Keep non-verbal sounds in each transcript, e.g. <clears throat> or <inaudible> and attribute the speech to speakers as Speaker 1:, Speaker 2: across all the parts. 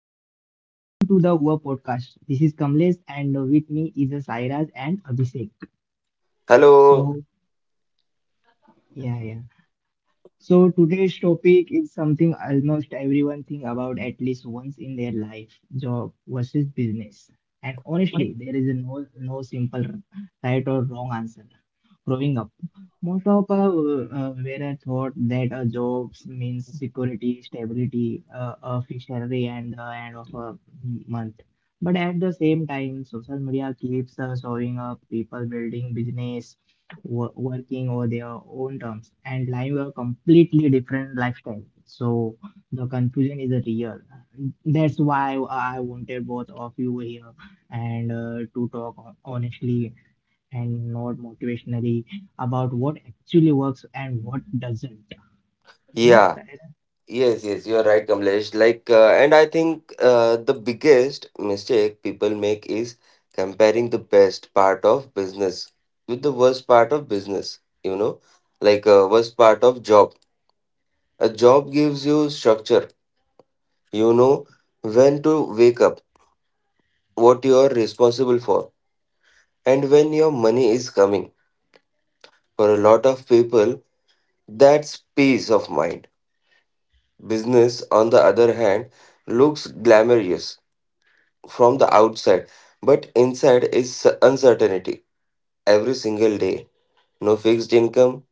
Speaker 1: everyone, welcome to the Hua podcast. This is Kamlesh and with me is Sairaj and Abhishek.
Speaker 2: Hello.
Speaker 1: So yeah. So today's topic is something almost everyone think about at least once in their life, job versus business. And honestly, there is a no simple right or wrong answer. Growing up, most of us were thought that a job means security, stability, a fixed salary, and the end of a month. But at the same time, social media keeps showing up people building business working over their own terms and living a completely different lifestyle. So the confusion is real. That's why I wanted both of you here and to talk honestly and not motivationally about what actually works and what doesn't. You know?
Speaker 2: Yeah. Yes, yes, you are right, Kamlesh. And I think the biggest mistake people make is comparing the best part of business with the worst part of business, you know, worst part of job. A job gives you structure, you know, when to wake up, what you are responsible for, and when your money is coming. For a lot of people, that's peace of mind. Business, on the other hand, looks glamorous from the outside, but inside is uncertainty. Every single day, no fixed income,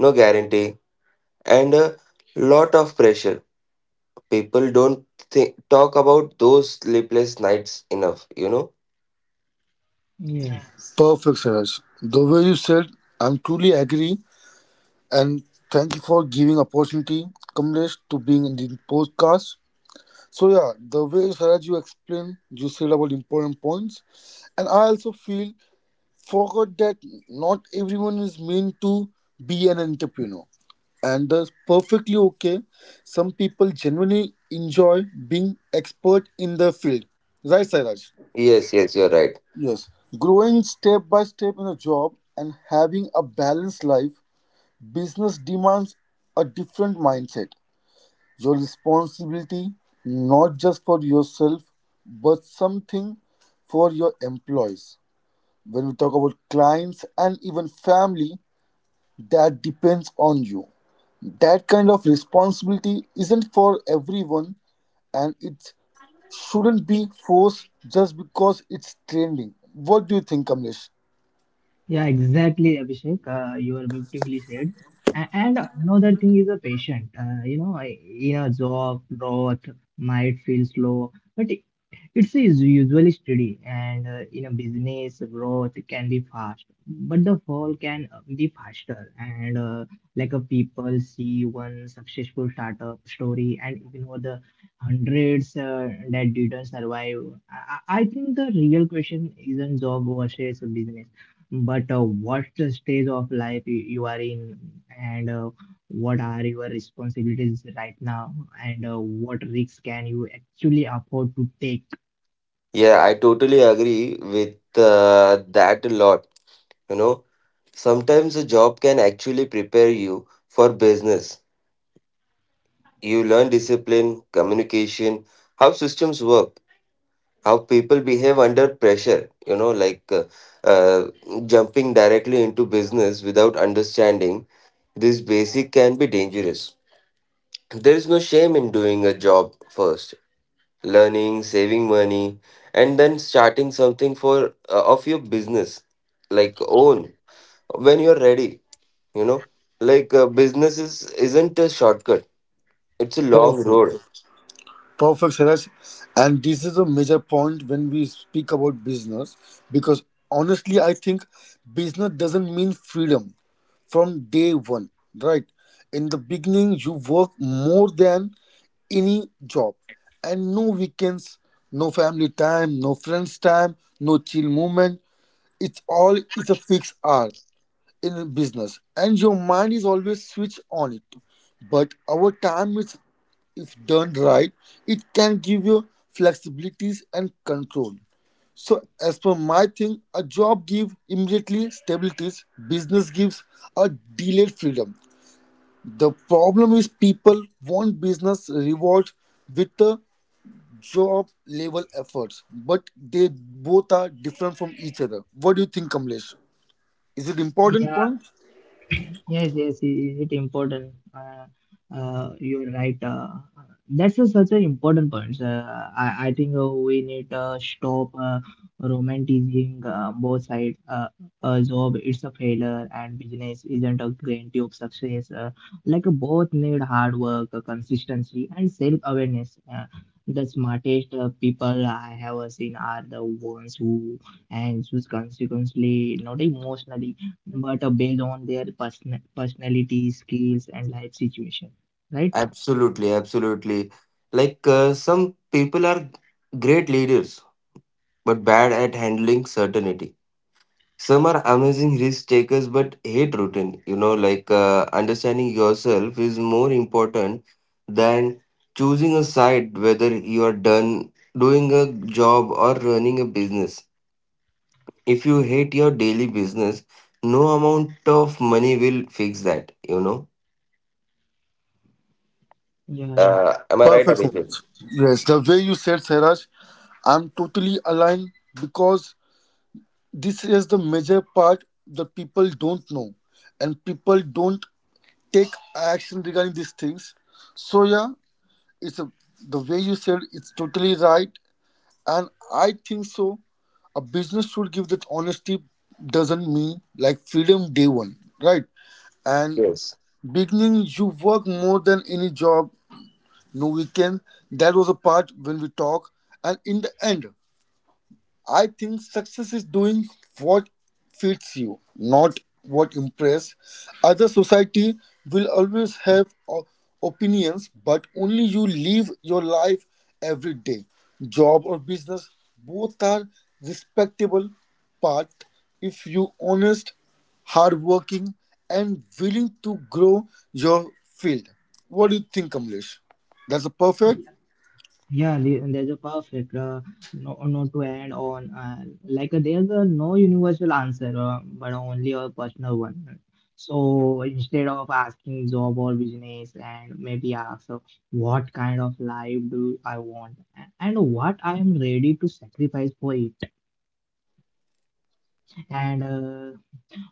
Speaker 2: no guarantee, and a lot of pressure. People don't talk about those sleepless nights enough, you know?
Speaker 1: Yes.
Speaker 3: Perfect, Siraj. The way you said, I'm truly agree, and thank you for giving opportunity, Kamlesh, to being in the podcast. So yeah, the way Siraj you explained, you said about important points, and I also feel forgot that not everyone is meant to be an entrepreneur, and that's perfectly okay. Some people genuinely enjoy being expert in their field. Right, Siraj?
Speaker 2: Yes, yes, you're right.
Speaker 3: Yes, growing step by step in a job and having a balanced life, business demands a different mindset. Your responsibility, not just for yourself, but something for your employees. When we talk about clients and even family, that depends on you. That kind of responsibility isn't for everyone and it shouldn't be forced just because it's trending. What do you think, Kamlesh?
Speaker 1: Yeah, exactly, Abhishek. You are beautifully said. And another thing is a patient. You know, in a job, growth might feel slow, but it- it's is usually steady. And in a business, growth can be fast, but the fall can be faster. And like a people see one successful startup story and ignore the hundreds that didn't survive. I, I think the real question isn't job versus business but what's stage of life you are in, and what are your responsibilities right now, and what risks can you actually afford to take?
Speaker 2: Yeah, I totally agree with that a lot. You know, sometimes a job can actually prepare you for business. You learn discipline, communication, how systems work, how people behave under pressure. you know like uh, uh, Jumping directly into business without understanding this basic can be dangerous. There is no shame in doing a job first, learning, saving money, and then starting something, for of your business, like own, when you're ready. you know Business is isn't a shortcut, it's a long road.
Speaker 3: Perfect. Perfect, Saraj. And this is a major point when we speak about business because honestly, I think business doesn't mean freedom from day one, right? In the beginning, you work more than any job and no weekends, no family time, no friends time, no chill moment. It's a fixed hour in business and your mind is always switched on it. But our time is if done right, it can give you flexibilities and control. So, as per my thing, a job gives immediately stabilities, business gives a delayed freedom. The problem is people want business rewards with the job level efforts, but they both are different from each other. What do you think, Kamlesh? Is it important
Speaker 1: Yeah.
Speaker 3: point?
Speaker 1: Yes, yes, is it important? You're right. That's a, such an important point. I think we need to stop romanticizing both sides. A job is a failure, and business isn't a guarantee of success. Both need hard work, consistency, and self-awareness. The smartest people I have seen are the ones who and choose consequently, not emotionally but based on their personality, skills, and life situation, right?
Speaker 2: Absolutely, absolutely. Some people are great leaders but bad at handling certainty. Some are amazing risk takers but hate routine. You know, understanding yourself is more important than choosing a side, whether you are done doing a job or running a business. If you hate your daily business, no amount of money will fix that, you know.
Speaker 1: Yeah, yeah,
Speaker 2: Am I right,
Speaker 3: Perfect,
Speaker 2: Abhishek?
Speaker 3: Sairaj. Yes, the way you said, Saraj, I'm totally aligned because this is the major part that people don't know and people don't take action regarding these things, so yeah, it's a, the way you said it's totally right, and I think so a business should give that honesty, doesn't mean like freedom day one, right? And
Speaker 2: Yes.
Speaker 3: beginning you work more than any job, no weekend, that was a part when we talk, and in the end I think success is doing what fits you, not what impress. Other society will always have opinions, but only you live your life every day. Job or business, both are respectable path if you honest, hardworking, and willing to grow your field. What do you think, Kamlesh? That's a perfect.
Speaker 1: yeah. Yeah, there's a perfect no to add on. There's a no universal answer, but only a personal one. So instead of asking job or business, and maybe ask what kind of life do I want and what I am ready to sacrifice for it, and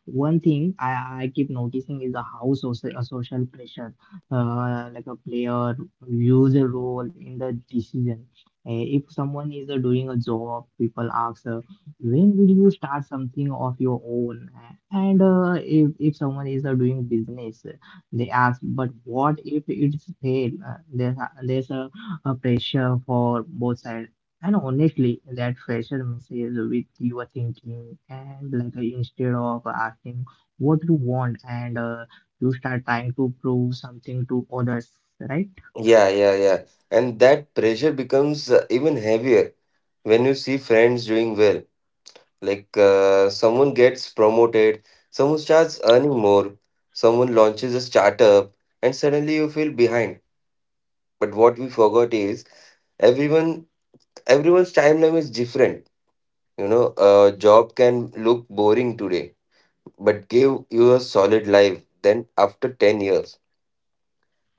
Speaker 1: one thing I keep noticing is the how social, social pressure, like a player, views a role in the decision. If someone is doing a job, people ask, when will you start something of your own? And if someone is doing business, they ask, but what if it's fail? There's a pressure for both sides. And honestly, that pressure messes with your thinking. And instead of asking what you want, and you start trying to prove something to others, right?
Speaker 2: Yeah, yeah, yeah. And that pressure becomes even heavier when you see friends doing well. Someone gets promoted, someone starts earning more, someone launches a startup, and suddenly you feel behind. But what we forgot is everyone everyone's timeline is different. You know, a job can look boring today, but give you a solid life then after 10 years.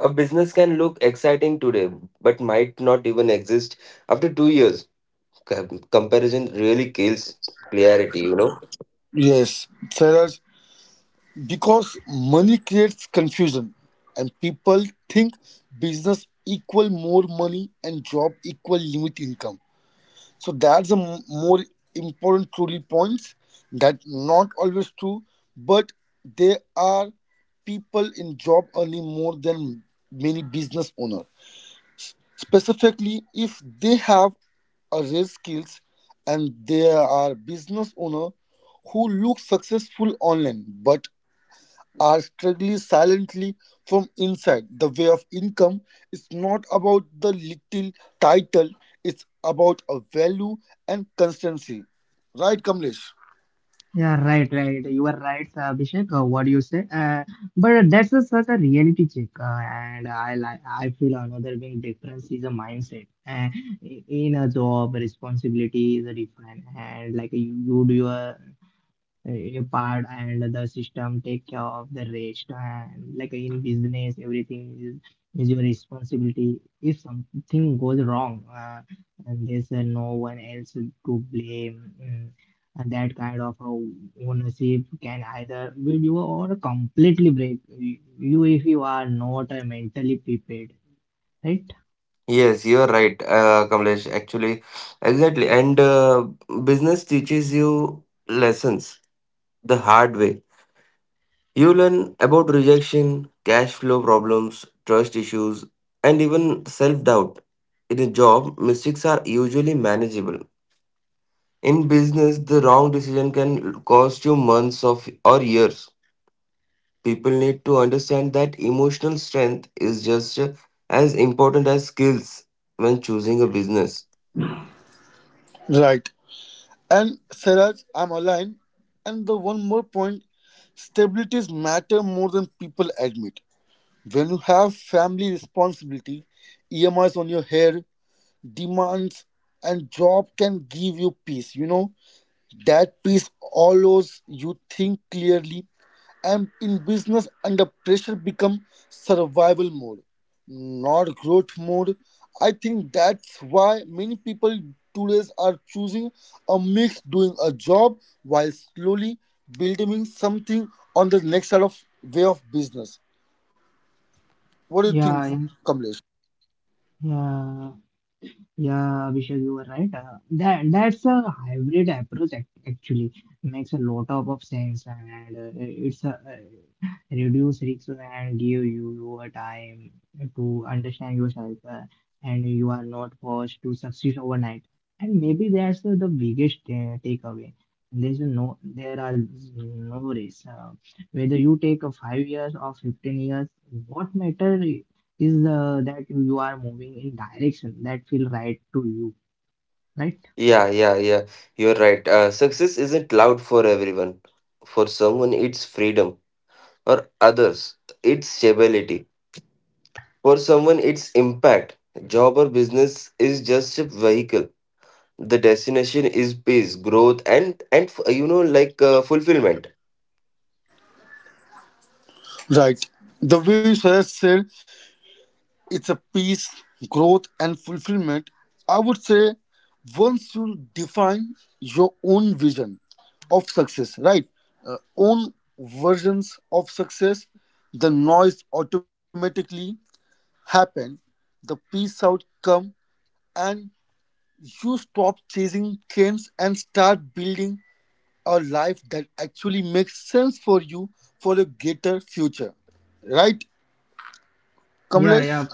Speaker 2: A business can look exciting today, but might not even exist after 2 years. Comparison really kills clarity, you know.
Speaker 3: Yes, Sarah. Because money creates confusion and people think business equal more money and job equal limit income. So that's a more important truly points that not always true, but there are people in job earning more than many business owners. Specifically, if they have a rare skills and there are business owner who look successful online but are struggling silently from inside. The way of income is not about the little title, it's about a value and constancy. Right, Kamlesh?
Speaker 1: Yeah, right, right. You are right, Abhishek. What you say, but that's a, such a reality check. And I like, I feel another big difference is a mindset. In a job, responsibility is a different, and like you do your a part and the system take care of the rest and like in business everything is your responsibility if something goes wrong and there's no one else to blame and that kind of ownership can either build you or completely break you if you are not mentally prepared, right?
Speaker 2: Yes, you are right, Kamlesh. Actually, exactly. And business teaches you lessons the hard way. You learn about rejection, cash flow problems, trust issues, and even self doubt. In a job, mistakes are usually manageable. In business, the wrong decision can cost you months of or years. People need to understand that emotional strength is just as important as skills when choosing a business.
Speaker 3: Right. And Saraj, I'm aligned. And the one more point, stabilities matter more than people admit. When you have family responsibility, EMIs on your hair, demands, and job can give you peace. That peace allows you think clearly and in business under pressure become survival mode, not growth mode. I think that's why many people today are choosing a mix doing a job while slowly building something on the next side of way of business. What do you think,
Speaker 1: yeah
Speaker 3: Kamlesh?
Speaker 1: yeah Yeah, Abhishek, you were right. That's a hybrid approach actually makes a lot of sense, and it's a reduce risks and give you your time to understand yourself, and you are not forced to succeed overnight. And maybe that's the biggest takeaway. There are no race. Whether you take a 5 years or 15 years, what matter is the that you are moving in direction that feel right to you, right?
Speaker 2: Yeah, yeah, yeah. You're right. Success isn't loud for everyone. For someone, it's freedom, or others, it's stability. For someone, it's impact. Job or business is just a vehicle. The destination is peace, growth, and fulfillment.
Speaker 3: Right. The way you have said, it's a peace, growth, and fulfillment. I would say once you define your own vision of success, right? Own versions of success, the noise automatically happen, the peace out come, and you stop chasing trends and start building a life that actually makes sense for you for a greater future. Right,
Speaker 1: yeah yeah
Speaker 3: Kamlesh?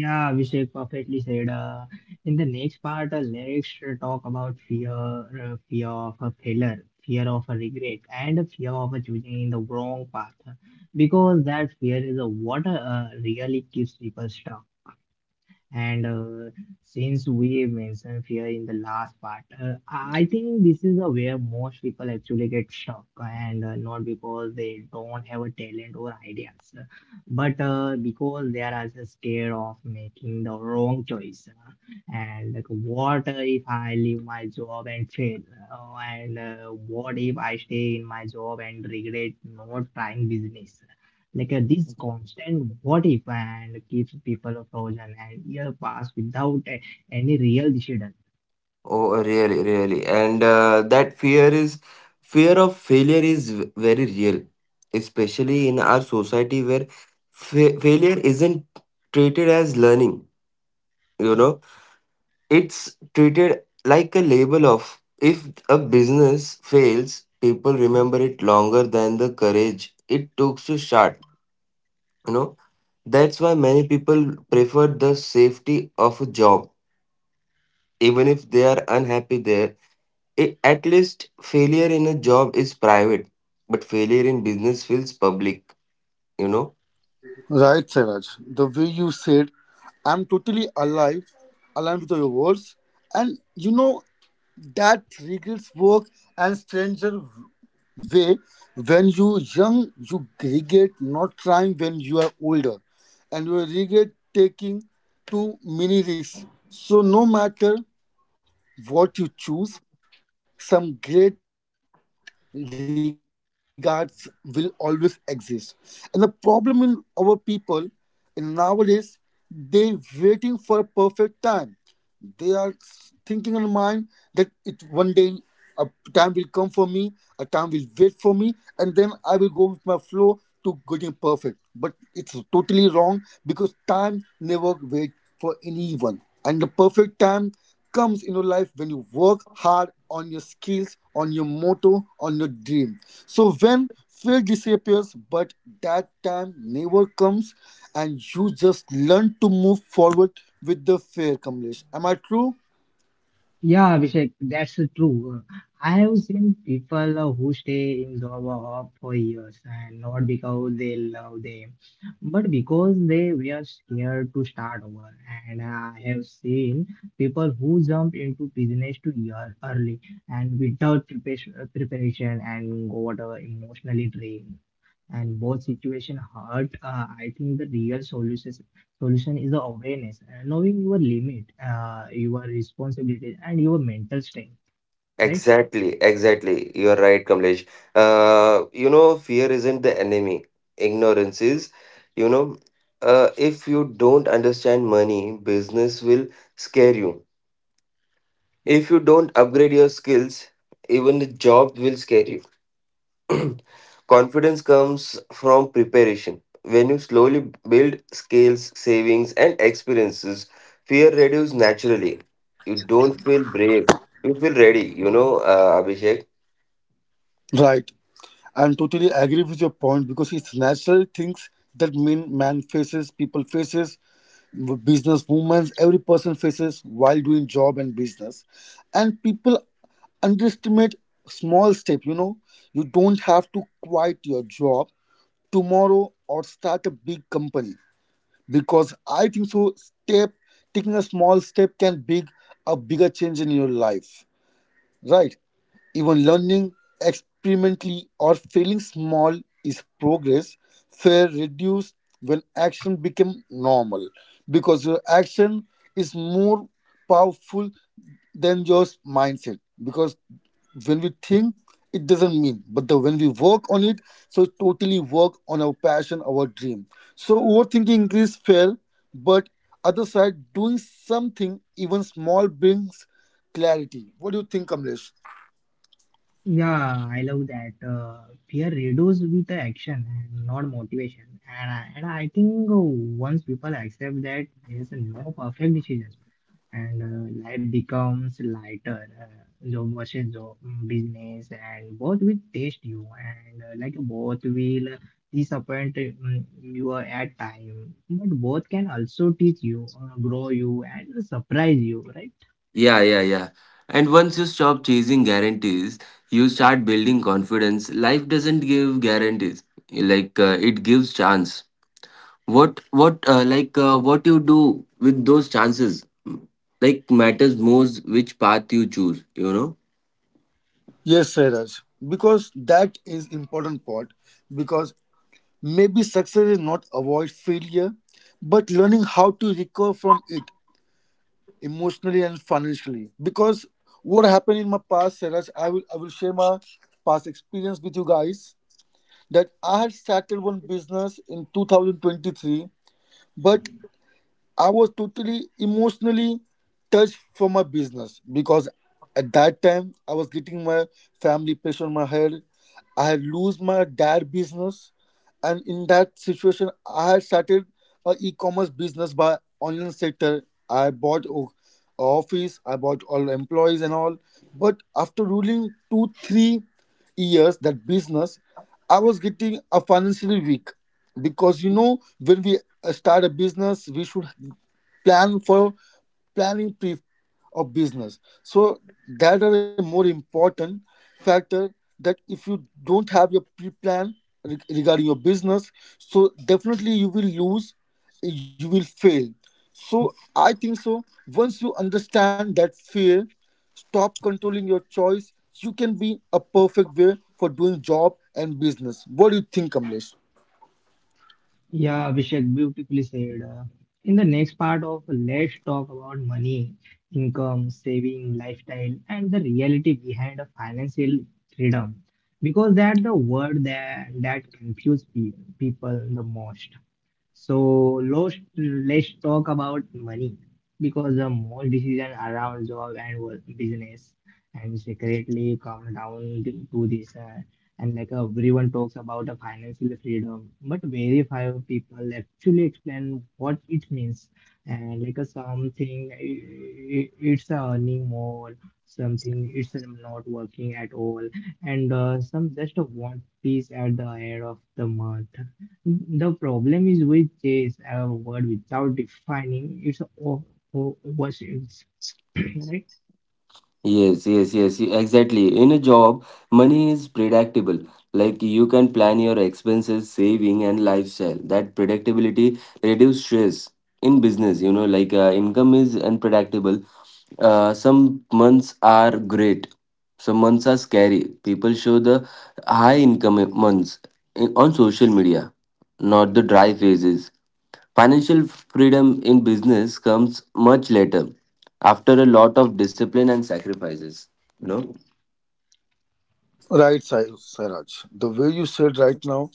Speaker 1: yeah Abhishek perfectly said, in the next part let's talk about fear, fear of a failure, fear of a regret, and a fear of a choosing the wrong path, because that fear is a what really keeps people stuck. And since we mentioned fear in the last part, I think this is a where most people actually get stuck, and not because they don't have a talent or ideas, but because they are also scared of making the wrong choice. And like, what if I leave my job and fail? And What if I stay in my job and regret not trying business? This constant what if and keeps people frozen and year pass without any real decision.
Speaker 2: Oh, really, really. And that fear of failure is very real, especially in our society where failure isn't treated as learning. You know, it's treated like a label of, if a business fails, people remember it longer than the courage it took to start. You know, that's why many people prefer the safety of a job, even if they are unhappy there. I- at least failure in a job is private, but failure in business feels public, you know.
Speaker 3: Right, Saraj. The way you said, I'm totally alive, aligned with your words. And you know, that regrets work and stranger way when you young, you regret not trying when you are older. And you regret taking too many risks. So no matter what you choose, some great regards will always exist. And the problem in our people in nowadays, they waiting for a perfect time. They are thinking in mind that it one day a time will come for me, a time will wait for me, and then I will go with my flow to getting perfect. But it's totally wrong because time never waits for anyone. And the perfect time comes in your life when you work hard on your skills, on your motto, on your dream. So when fear disappears, but that time never comes, and you just learn to move forward with the fear, Kamlesh. Am I true?
Speaker 1: Yeah, Abhishek, that's true. I have seen people who stay in job of for years and not because they love them, but because they were scared to start over. And I have seen people who jump into business too year early and without preparation and got emotionally drained. And both situation hurt. I think the real solution is the awareness, knowing your limit, your responsibilities, and your mental strength. Right?
Speaker 2: Exactly, exactly. You're right, Kamlesh. You know, fear isn't the enemy. Ignorance is, you know. If you don't understand money, business will scare you. If you don't upgrade your skills, even the job will scare you. <clears throat> Confidence comes from preparation. When you slowly build skills, savings, and experiences, fear reduces naturally. You don't feel brave. You feel ready, you know, Abhishek.
Speaker 3: Right. I'm totally agree with your point because it's natural things that mean man faces, people faces, business movements, every person faces while doing job and business. And people underestimate small step, you know. You don't have to quit your job tomorrow or start a big because I think so step taking a small step can big a bigger change in your life. Right. Even learning experimentally or failing small is progress. Fear reduced when action became normal because your action is more powerful than your mindset. Because when we think, it doesn't mean, but the when we work on it, so it totally work on our passion, our dream. So overthinking increase fear, but other side doing something even small brings clarity. What do you think, Kamlesh?
Speaker 1: Yeah, I love that. Fear reduces with the action and not motivation. And I think once people accept that, there's no perfect decision, and life becomes lighter. Job versus job, business, and both will test you, and both will disappoint you at time, but both can also teach you, grow you, and surprise you, right?
Speaker 2: Yeah, yeah, yeah. And once you stop chasing guarantees, you start building confidence. Life doesn't give guarantees. It gives chance. What you do with those chances, like, matters more, which path you choose, you know?
Speaker 3: Yes, Sairaj, because that is important part. Because maybe success is not avoid failure, but learning how to recover from it emotionally and financially. Because what happened in my past, Sairaj, I will share my past experience with you guys. That I had started one business in 2023, but I was totally emotionally touched for my business because at that time I was getting my family pressure on my head. I had lose my dad business, and in that situation, I had started a e-commerce business by online sector. I bought. Office about all employees and all, but after ruling 2-3 years that business I was getting a financially weak, because you know when we start a business we should plan for planning pre of business, so that are a more important factor that if you don't have your pre-plan regarding your business, so definitely you will lose, you will fail. So I think so once you understand that fear stop controlling your choice, you can be a perfect way for doing job and business. What do you think, Kamlesh?
Speaker 1: Yeah, Abhishek, beautifully said. In the next part of Let's Talk About Money, Income, Saving, Lifestyle, and the reality behind a financial freedom. Because that's the word that confuses pe people the most. So let's talk about money because the most decision around job and work business and secretly come down to this. And like everyone talks about a financial freedom but very few people actually explain what it means, and like a something it's earning more, something it's not working at all, and some just want peace at the end of the month. The problem is with this word without defining its o- opposites, <clears throat> right?
Speaker 2: Yes, yes, yes, exactly. In a job, money is predictable. Like, you can plan your expenses, saving, and lifestyle. That predictability reduces stress. In business, you know, income is unpredictable. Some months are great, some months are scary. People show the high income months on social media, not the dry phases. Financial freedom in business comes much later, after a lot of discipline and sacrifices. You know?
Speaker 3: Right, Sairaj, the way you said right now,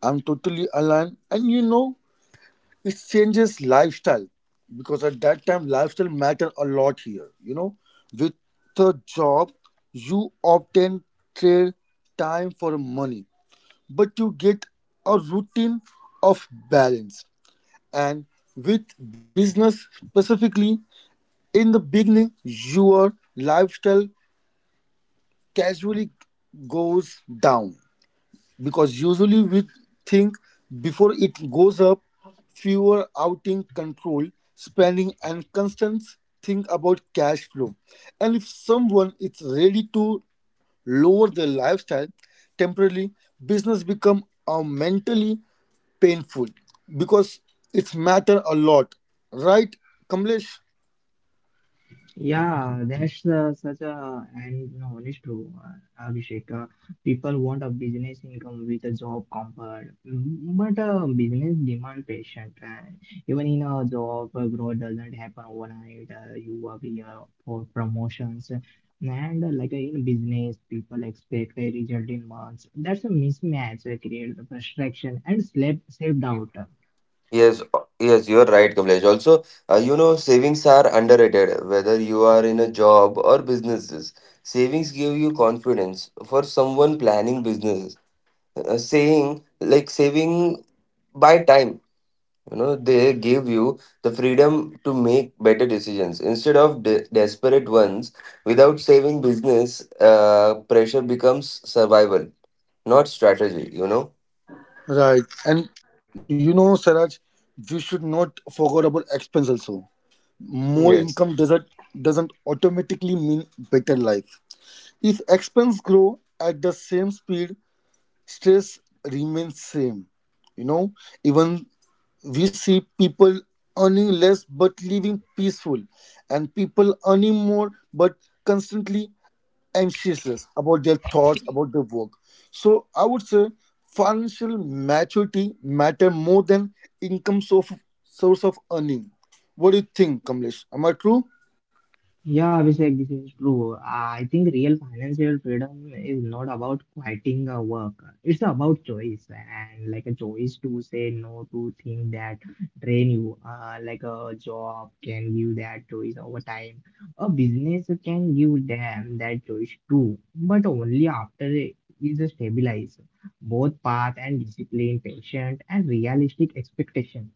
Speaker 3: I'm totally aligned. And you know, it changes lifestyle because at that time, lifestyle matter a lot here. You know, with the job, you obtain trade time for money, but you get a routine of balance. And with business specifically, in the beginning, your lifestyle casually goes down because usually we think before it goes up, fewer outing control spending and constant think about cash flow, and if someone is ready to lower their lifestyle temporarily, business become a mentally painful because it's matter a lot, right, Kamlesh?
Speaker 1: Yeah, that's such a and no, it's true, Abhishek. People want a business income with a job comfort, but business demand patience. And even in a job, growth doesn't happen overnight. You work here for promotions, and in business, people expect a result in months. That's a mismatch. Creates frustration and self doubt.
Speaker 2: Yes, yes, you're right, Kamlesh. Also, you know, savings are underrated, whether you are in a job or businesses. Savings give you confidence for someone planning business. Saying like Saving by time, you know, they give you the freedom to make better decisions instead of desperate ones. Without saving business, pressure becomes survival, not strategy, you know?
Speaker 3: Right. And you know, Saraj, you should not forget about expense also. More
Speaker 2: Yes.
Speaker 3: income doesn't automatically mean better life. If expense grow at the same speed, stress remains same, you know. Even we see people earning less but living peaceful and people earning more but constantly anxious about their thoughts about their work. So I would say financial maturity matter more than income source of earning. What do you think, Kamlesh? Am I true?
Speaker 1: Yeah, Abhishek, this is true. I think real financial freedom is not about quitting a work. It's about choice and like a choice to say no to things that drain you. Like a job can give that choice over time. A business can give them that choice too, but only after it is stabilized. Both path and discipline, patient and realistic expectation.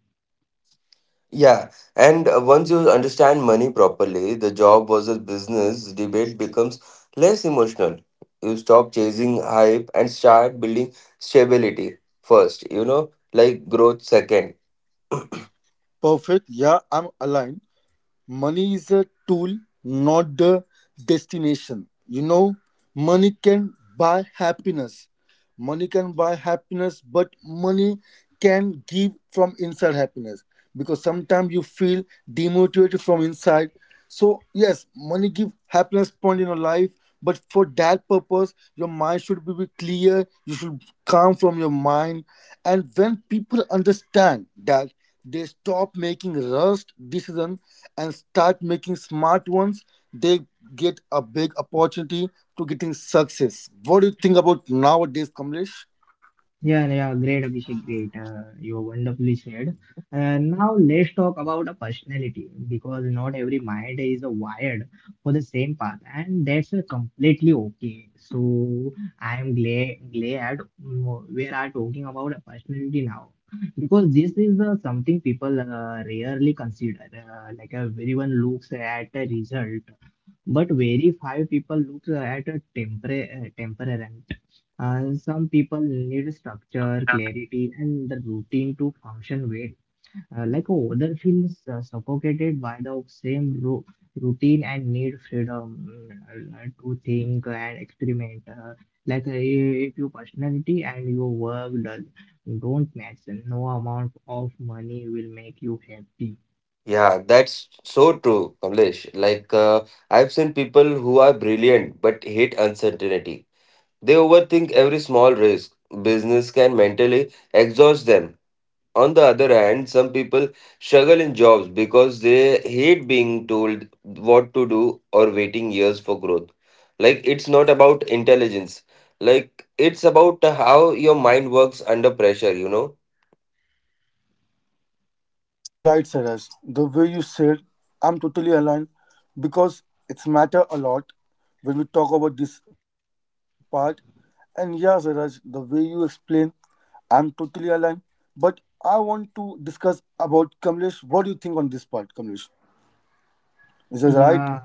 Speaker 2: Yeah, and once you understand money properly, the job versus business debate becomes less emotional. You stop chasing hype and start building stability first, you know, like growth second.
Speaker 3: Perfect, yeah, I'm aligned. Money is a tool, not the destination. You know, money can buy happiness. Money can buy happiness, but money can give from inside happiness because sometimes you feel demotivated from inside. So yes, money give happiness point in your life, but for that purpose, your mind should be clear. You should calm from your mind, and when people understand that, they stop making rushed decisions and start making smart ones. They get a big opportunity to getting success. What do you think about nowadays, Kamlesh?
Speaker 1: Yeah, yeah, great, Abhishek, great. You wonderfully said. And now let's talk about a personality because not every mind is wired for the same path, and that's completely okay. So I'm glad we are talking about a personality now because this is something people rarely consider. Everyone looks at a result, but very few people look at a temperament, and some people need structure, clarity, and the routine to function well. Like other feel suffocated by the same routine and need freedom to think and experiment. If your personality and your work don't match, no amount of money will make you happy.
Speaker 2: Yeah, that's so true, Kamlesh. Like, I've seen people who are brilliant but hate uncertainty. They overthink every small risk. Business can mentally exhaust them. On the other hand, some people struggle in jobs because they hate being told what to do or waiting years for growth. Like, it's not about intelligence, like, it's about how your mind works under pressure, you know?
Speaker 3: Right, Saraj. The way you said, I'm totally aligned because it's matter a lot when we talk about this part. And yeah, Saraj, the way you explain, I'm totally aligned. But I want to discuss about Kamlesh. What do you think on this part, Kamlesh? Is this right?
Speaker 1: Yeah,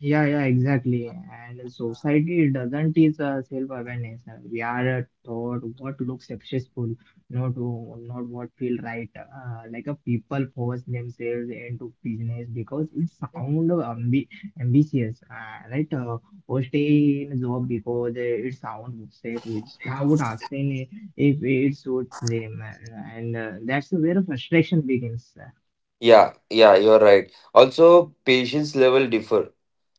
Speaker 1: Yeah, exactly. And society doesn't teach self-awareness. We are taught what looks successful, not not what feel right. Like a people force themselves into business because it sound ambitious, right? Or stay in a job because it sound safe without asking if it suits them, and that's where frustration begins.
Speaker 2: Yeah, yeah, you're right. Also, patience level differ.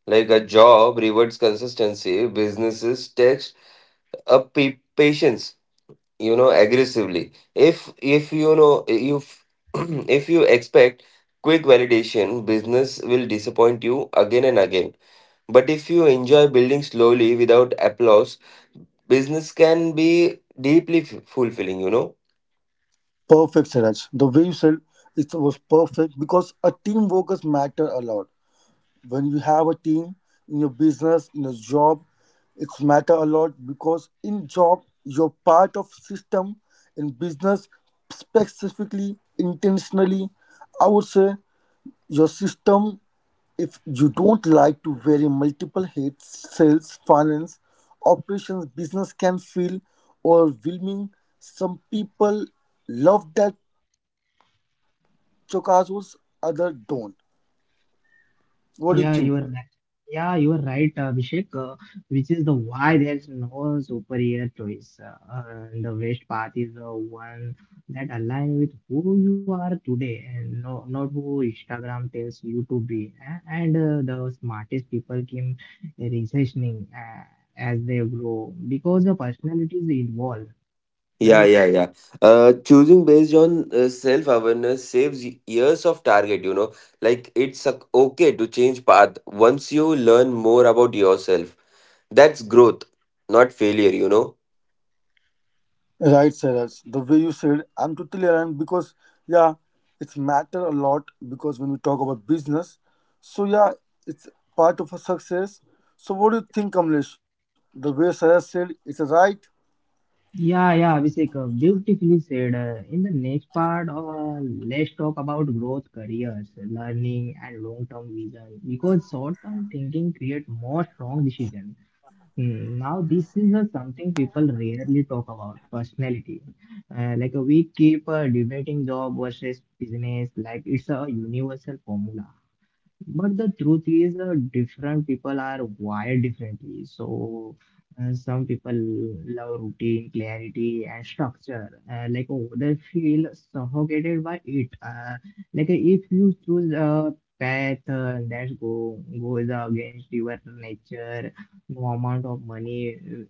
Speaker 2: Like, a job rewards consistency, businesses patience, you know, aggressively. If <clears throat> if you expect quick validation, business will disappoint you again and again. But if you enjoy building slowly without applause, business can be deeply fulfilling, you know.
Speaker 3: Perfect, Siraj. The way you said it was perfect because a team workers matter a lot. When you have a team in your business, in your job, it's matter a lot because in job you're part of system, in business specifically, intentionally, I would say your system, if you don't like to vary multiple heads, sales, finance, operations, business can feel overwhelming. Some people love that Chocazos, other don't. What do you think?
Speaker 1: Yeah, you are right. Yeah, you are right, Abhishek. Which is the why there's no superior choice. And the best path is the one that aligns with who you are today, and no, not who Instagram tells you to be. And the smartest people keep recessioning as they grow because the personalities evolve,
Speaker 2: Yeah,
Speaker 1: right?
Speaker 2: yeah, yeah. Choosing based on self awareness saves years of target, you know. Like, it's a, okay to change path once you learn more about yourself. That's growth, not failure, you know.
Speaker 3: Right, Saraj. The way you said, I'm totally aligned because yeah, it's matter a lot because when we talk about business, so yeah, it's part of a success. So what do you think, Kamlesh? The way Sarah said, it's a right.
Speaker 1: Yeah, Abhishek, beautifully said. In the next part, let's talk about growth, careers, learning, and long-term vision. Because short-term thinking create more strong decisions. Now, this is something people rarely talk about. Personality, we keep debating job versus business, like it's a universal formula. But the truth is, different people are wired differently. So, some people love routine, clarity, and structure. Like others feel suffocated by it. Like if you choose a path that go goes against your nature, no amount of money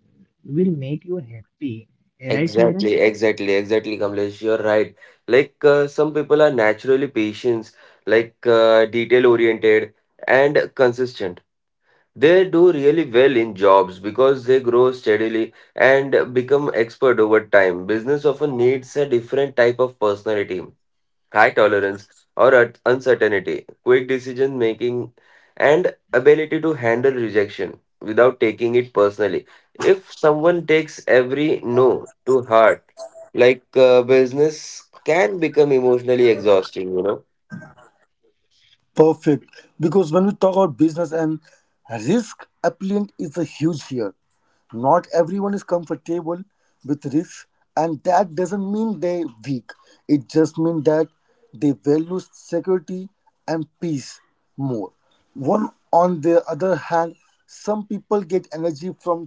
Speaker 1: will make you happy. Right,
Speaker 2: Exactly,
Speaker 1: Cyrus?
Speaker 2: exactly, exactly, Kamlesh. You're right. Like, some people are naturally patient, like, detail oriented and consistent. They do really well in jobs because they grow steadily and become expert over time. Business often needs a different type of personality, high tolerance or uncertainty, quick decision making, and ability to handle rejection without taking it personally. If someone takes every no to heart, business can become emotionally exhausting, you know.
Speaker 3: Perfect. Because when we talk about business and risk, appliant is a huge here. Not everyone is comfortable with risk, and that doesn't mean they're weak. It just means that they value security and peace more. One, on the other hand, some people get energy from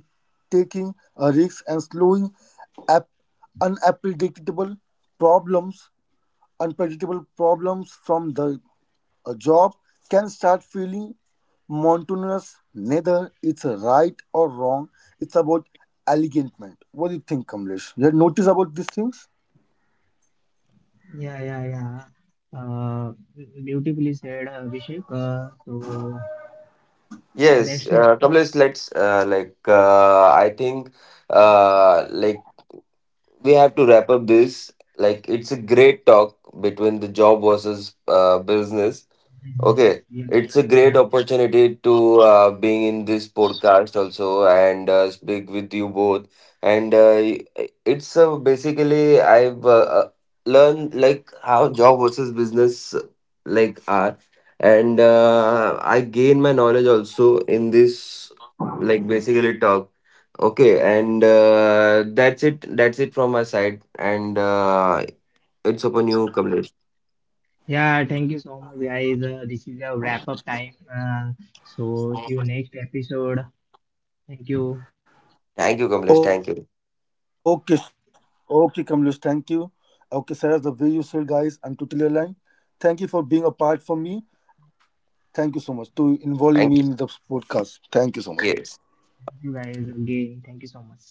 Speaker 3: taking a risk and slowing up unpredictable problems from the a job can start feeling monotonous. Neither it's right or wrong. It's about alignment. What do you think, Kamlesh? You had noticed about these things?
Speaker 1: Yeah, yeah, yeah. Uh, Beautifully said, Abhishek. So.
Speaker 2: Yes,
Speaker 1: That's
Speaker 2: Kamlesh, let's like I think uh, like we have to wrap up this. Like, it's a great talk between the job versus business. Okay,
Speaker 1: Yeah,
Speaker 2: it's a great
Speaker 1: yeah,
Speaker 2: opportunity to being in this podcast also and speak with you both. And it's basically I've learned like how job versus business like are, and I gain my knowledge also in this like basically talk. Okay, and that's it. That's it from my side, and it's upon you, Kamlesh.
Speaker 1: yeah. Thank you so much, guys. This is a wrap up time. So see you next episode. Thank you,
Speaker 2: Thank you, Kamlesh. Thank you.
Speaker 3: Okay, okay, Kamlesh, thank you. Okay, Sarah, the way you said, guys, I'm totally aligned. Thank you for being a part for me. Thank you so much to involving me in the
Speaker 2: Thank you.
Speaker 3: podcast. Thank you so much.
Speaker 2: Yes.
Speaker 1: thank you guys again. Thank you so much.